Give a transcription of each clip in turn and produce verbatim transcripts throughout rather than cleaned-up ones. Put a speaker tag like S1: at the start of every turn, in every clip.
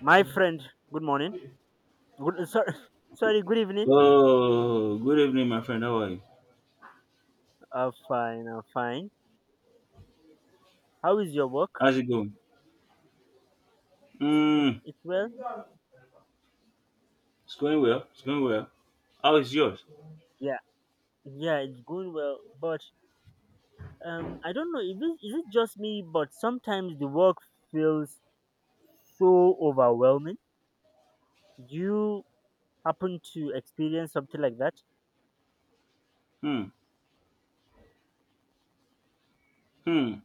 S1: My friend, good morning. Good, sorry, sorry, good evening.
S2: Oh, good evening, my friend. How are you?
S1: Uh, fine, uh, fine. How is your work?
S2: How's it going?
S1: It,
S2: Hmm,
S1: it's well?
S2: it's going well. It's going well. How is yours?
S1: Yeah, yeah, it's going well. But um, I don't know, if it, is it just me, but sometimes the work feels so overwhelming. Do you happen to experience something like that?
S2: Hmm, hmm.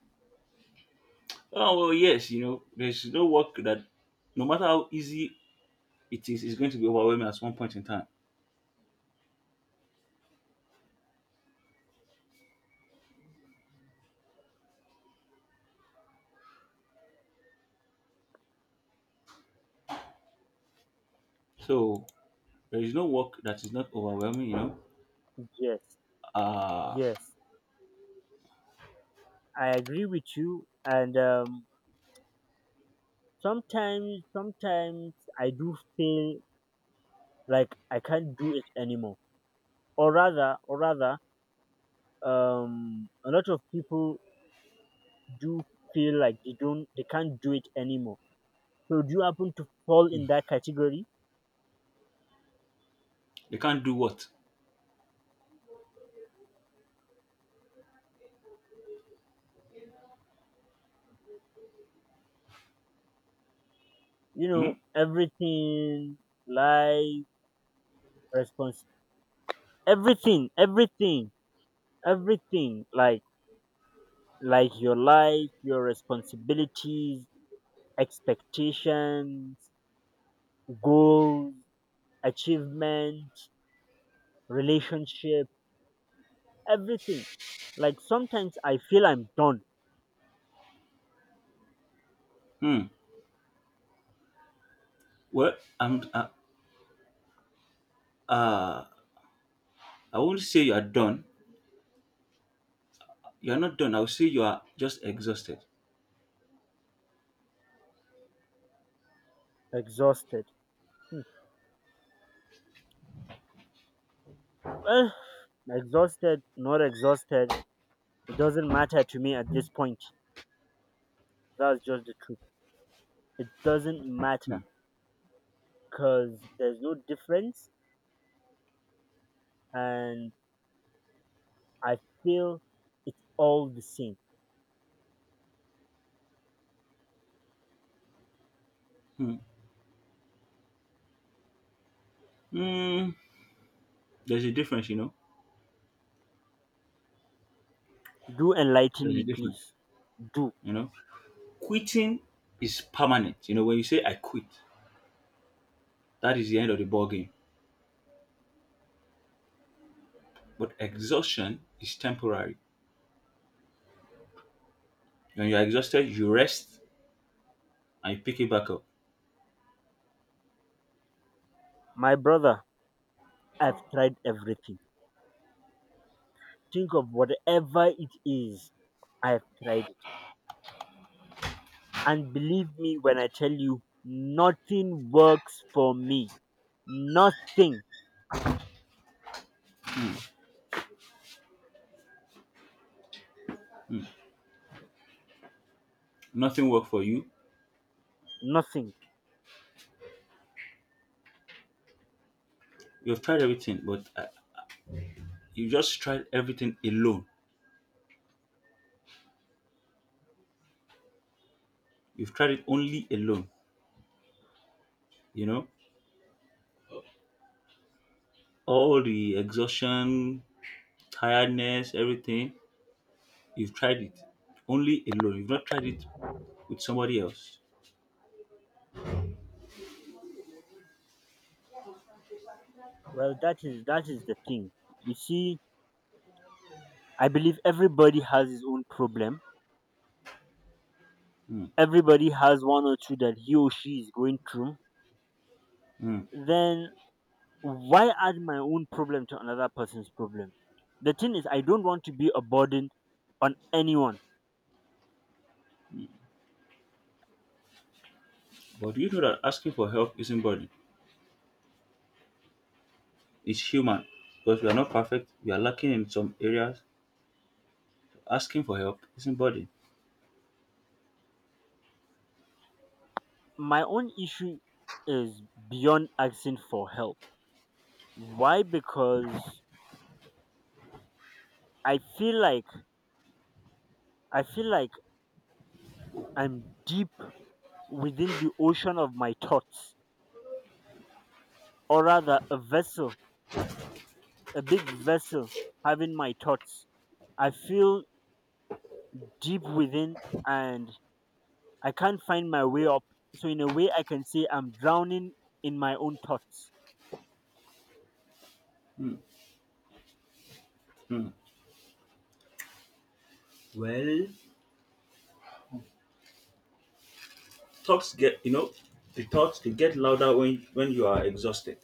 S2: Oh, well, yes, you know, there's no work that, no matter how easy it is, is going to be overwhelming at one point in time. So, there is no work that is not overwhelming, you know.
S1: Yes,
S2: Uh,
S1: yes, I agree with you. And um, sometimes, sometimes I do feel like I can't do it anymore. Or rather, or rather, um a lot of people do feel like they don't they can't do it anymore. So do you happen to fall in that category?
S2: you can't do what?
S1: You know,
S2: Hmm,
S1: everything, life, response, everything everything everything, like like your life, your responsibilities, expectations, goals, achievement, relationship, everything. Like sometimes I feel I'm done.
S2: hmm. Well, I'm, uh, uh, I won't say you are done. You are not done. I will say you are just exhausted.
S1: Exhausted. Hmm. Well, exhausted, not exhausted, it doesn't matter to me at this point. That's just the truth. It doesn't
S2: Hmm,
S1: matter because there's no difference, and I feel it's all the same.
S2: hmm, hmm. There's a difference, you know
S1: Do enlighten
S2: There's
S1: me,
S2: a difference,
S1: please. Do.
S2: you know. Quitting is permanent. You know, when you say I quit, that is the end of the ball game. But exhaustion is temporary. When you're exhausted, you rest and you pick it back up.
S1: My brother, I've tried everything. Think of whatever it is, I've tried it. And believe me when I tell you, nothing works for me. Nothing.
S2: Nothing worked for you.
S1: Nothing.
S2: You've tried everything, but uh, you just tried everything alone. You've tried it only alone. You know, all the exhaustion, tiredness, everything. You've tried it only alone. You've not tried it with somebody else.
S1: Well, that is that is the thing. You see, I believe everybody has his own problem.
S2: Mm,
S1: Everybody has one or two that he or she is going through.
S2: mm.
S1: Then why add my own problem to another person's problem? The thing is, I don't want to be a burden on anyone.
S2: But you know that asking for help isn't burden. It's human because we are not perfect, we are lacking in some areas. Asking for help isn't burden.
S1: My own issue is beyond asking for help. Why? Because I feel like I feel like I'm deep within the ocean of my thoughts, or rather, a vessel, a big vessel having my thoughts. I feel deep within and I can't find my way up. So, in a way, I can say I'm drowning in my own thoughts.
S2: Well, thoughts get you know the thoughts they get louder when when you are exhausted.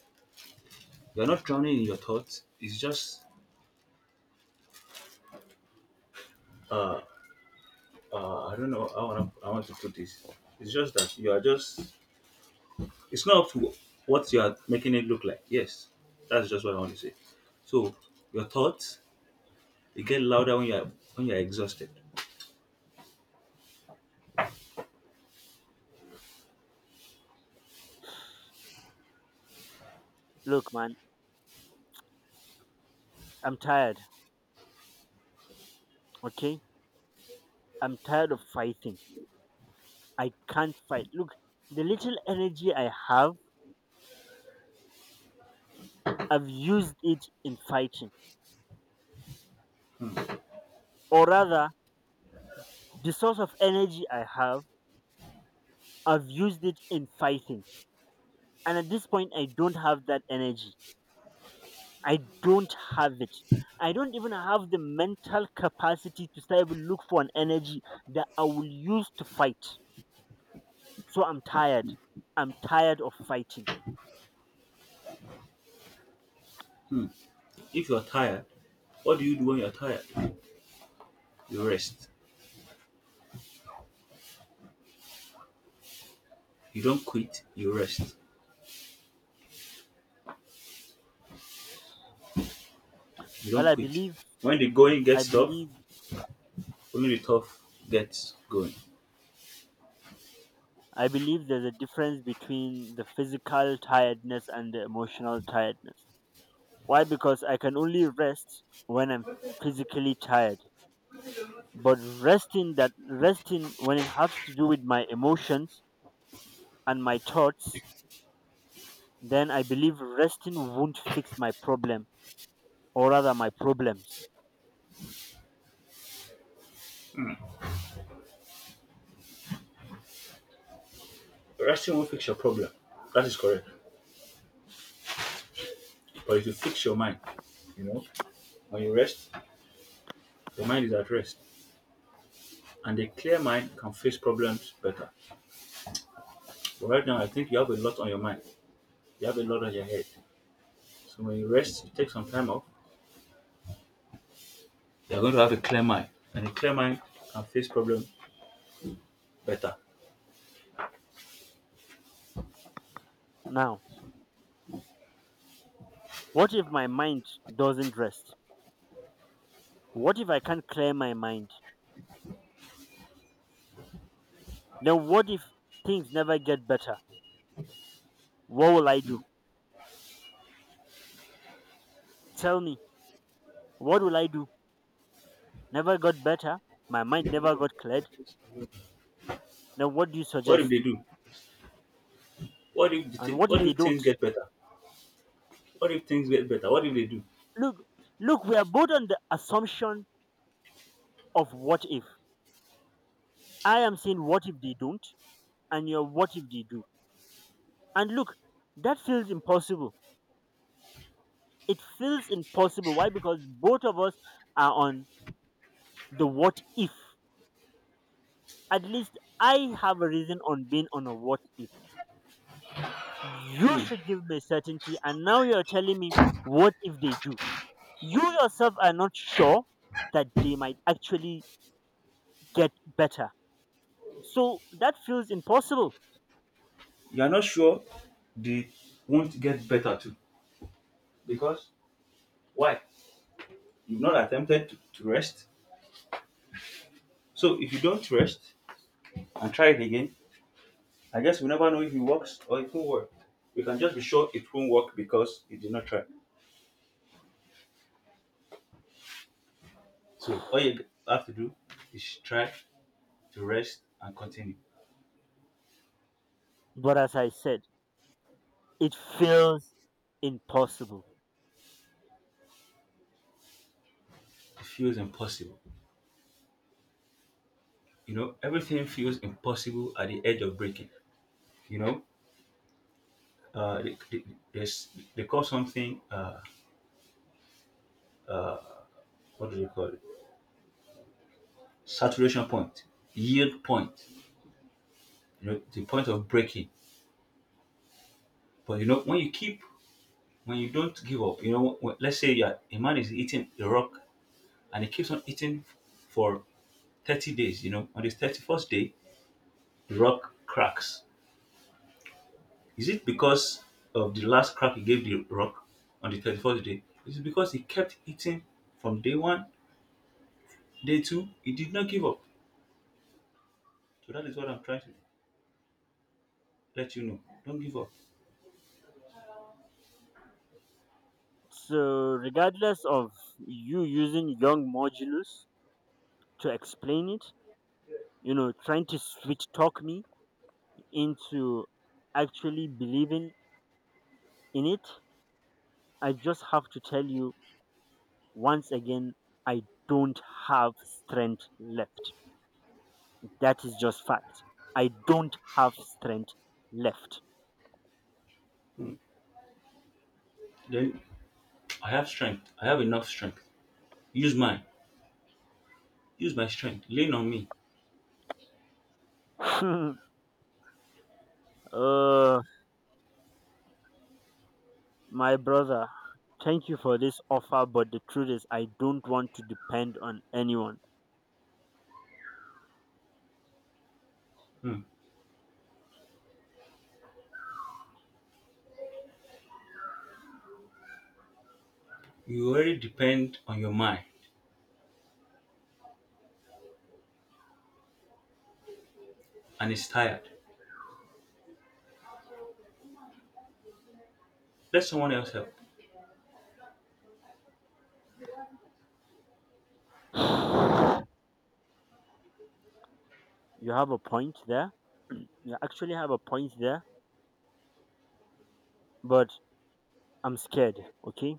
S2: You're not drowning in your thoughts. It's just uh, I don't know how I want I want to put this. It's just that you are just it's not up to what you are making it look like. Yes, that's just what I want to say. So your thoughts they get louder when you are when you are exhausted.
S1: Look, man, I'm tired, okay? I'm tired of fighting. I can't fight. Look, the little energy I have, I've used it in fighting. Or rather, the source of energy I have, I've used it in fighting. And at this point, I don't have that energy. I don't have it. I don't even have the mental capacity to start even look for an energy that I will use to fight. So I'm tired. I'm tired of fighting.
S2: If you are tired, what do you do when you are tired? You rest. You don't quit, you rest. You
S1: Well,
S2: don't
S1: I
S2: quit.
S1: believe,
S2: When the going
S1: I
S2: gets tough,
S1: believe,
S2: only the tough gets going.
S1: I believe there's a difference between the physical tiredness and the emotional tiredness. Why? Because I can only rest when I'm physically tired. But resting that resting when it has to do with my emotions and my thoughts, then I believe resting won't fix my problem, or rather, my problems.
S2: Resting won't fix your problem. That is correct. But it will fix your mind. You know, when you rest, your mind is at rest. And a clear mind can face problems better. But right now, I think you have a lot on your mind. You have a lot on your head. So when you rest, you take some time off, you're going to have a clear mind. And a clear mind can face problems better.
S1: Now, what if my mind doesn't rest? What if I can't clear my mind? Then, what if things never get better? What will I do? Tell me, what will I do? Never got better? My mind never got cleared? Then, what do you
S2: What if
S1: suggest?
S2: they do? What if the
S1: And
S2: thing,
S1: what if
S2: what
S1: they
S2: if
S1: don't?
S2: things get better? What if things get better? What if they do?
S1: Look, look, we are both on the assumption of what if. I am saying what if they don't, and you're what if they do. And look, that feels impossible it feels impossible. Why? Because both of us are on the what if. At least I have a reason on being on a what if. You should give me certainty, and now you're telling me what if they do. You yourself are not sure that they might actually get better. So that feels impossible.
S2: You are not sure they won't get better too. Because why? You've not attempted to, to rest. So if you don't rest and try it again, I guess we never know if it works or it won't work. We can just be sure it won't work because you did not try. So all you have to do is try to rest and continue.
S1: But as I said, it feels impossible.
S2: It feels impossible. You know, everything feels impossible at the edge of breaking. You know, uh, they, they, there's- they call something, uh, what do they call it? Saturation point, yield point, you know, the point of breaking. But you know, when you keep, when you don't give up, you know, when, let's say you a man is eating a rock and he keeps on eating for thirty days, you know, on his thirty-first day, the rock cracks. Is it because of the last crack he gave the rock on the thirty-first day? Is it because he kept eating from day one, day two? He did not give up. So that is what I'm trying to let you know. Don't give up.
S1: So, regardless of you using young modulus to explain it, you know, trying to sweet talk me into actually believing in it, I just have to tell you once again, I don't have strength left. That is just fact. I don't have strength left.
S2: Then I have strength. I have enough strength. Use mine. Use my strength. Lean on me.
S1: uh, my brother, thank you for this offer, but the truth is I don't want to depend on anyone.
S2: Hmm. You already depend on your mind and it's tired. Let someone else help.
S1: You have a point there. You actually have a point there, but I'm scared, okay?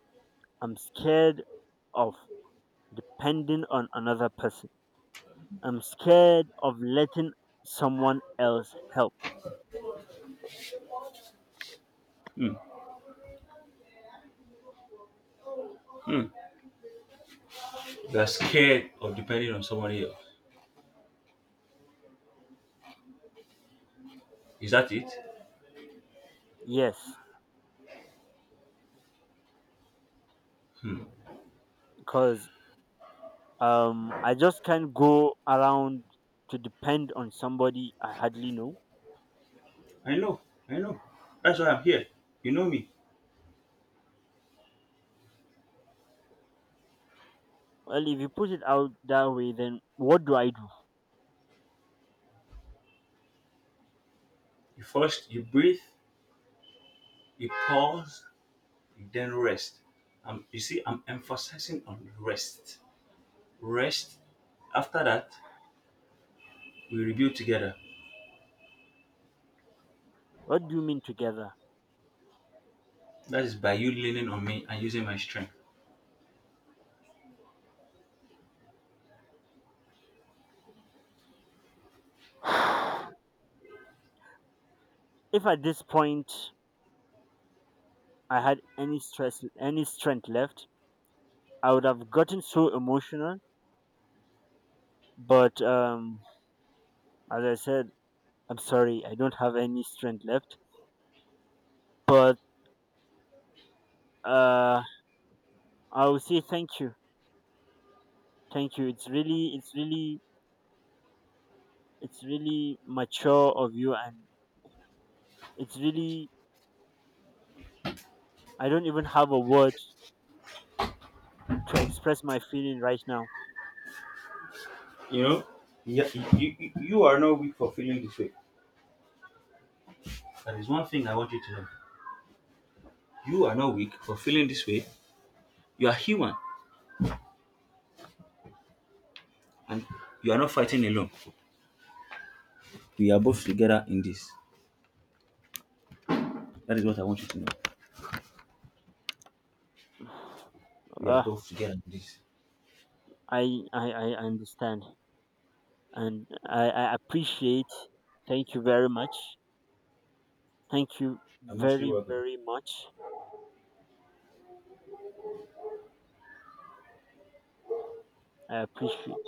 S1: I'm scared of depending on another person. I'm scared of letting someone else help.
S2: Hmm. Hmm. You are scared of depending on somebody else. Is that it?
S1: Yes, because um, I just can't go around to depend on somebody I hardly know.
S2: I know. I know. That's why I'm here. You know me.
S1: Well, if you put it out that way, then what do I do?
S2: You first, you breathe, you pause, you then rest. Um, you see, I'm emphasizing on rest. Rest. After that, we rebuild together.
S1: What do you mean together?
S2: That is by you leaning on me and using my strength.
S1: If at this point I had any stress, any strength left, I would have gotten so emotional. But um, as I said, I'm sorry, I don't have any strength left. But uh I will say thank you. Thank you. It's really it's really it's really mature of you. And it's really, I don't even have a word to express my feeling right now.
S2: You know, yeah, you, you, you are not weak for feeling this way. That is one thing I want you to know. You are not weak for feeling this way. You are human and you are not fighting alone. We are both together in this. That is what I want you to know. We are
S1: uh,
S2: both together in this.
S1: I, I i understand, and i i appreciate. Thank you very much. Thank you
S2: I'm mostly
S1: very
S2: welcome.
S1: very much. I appreciate.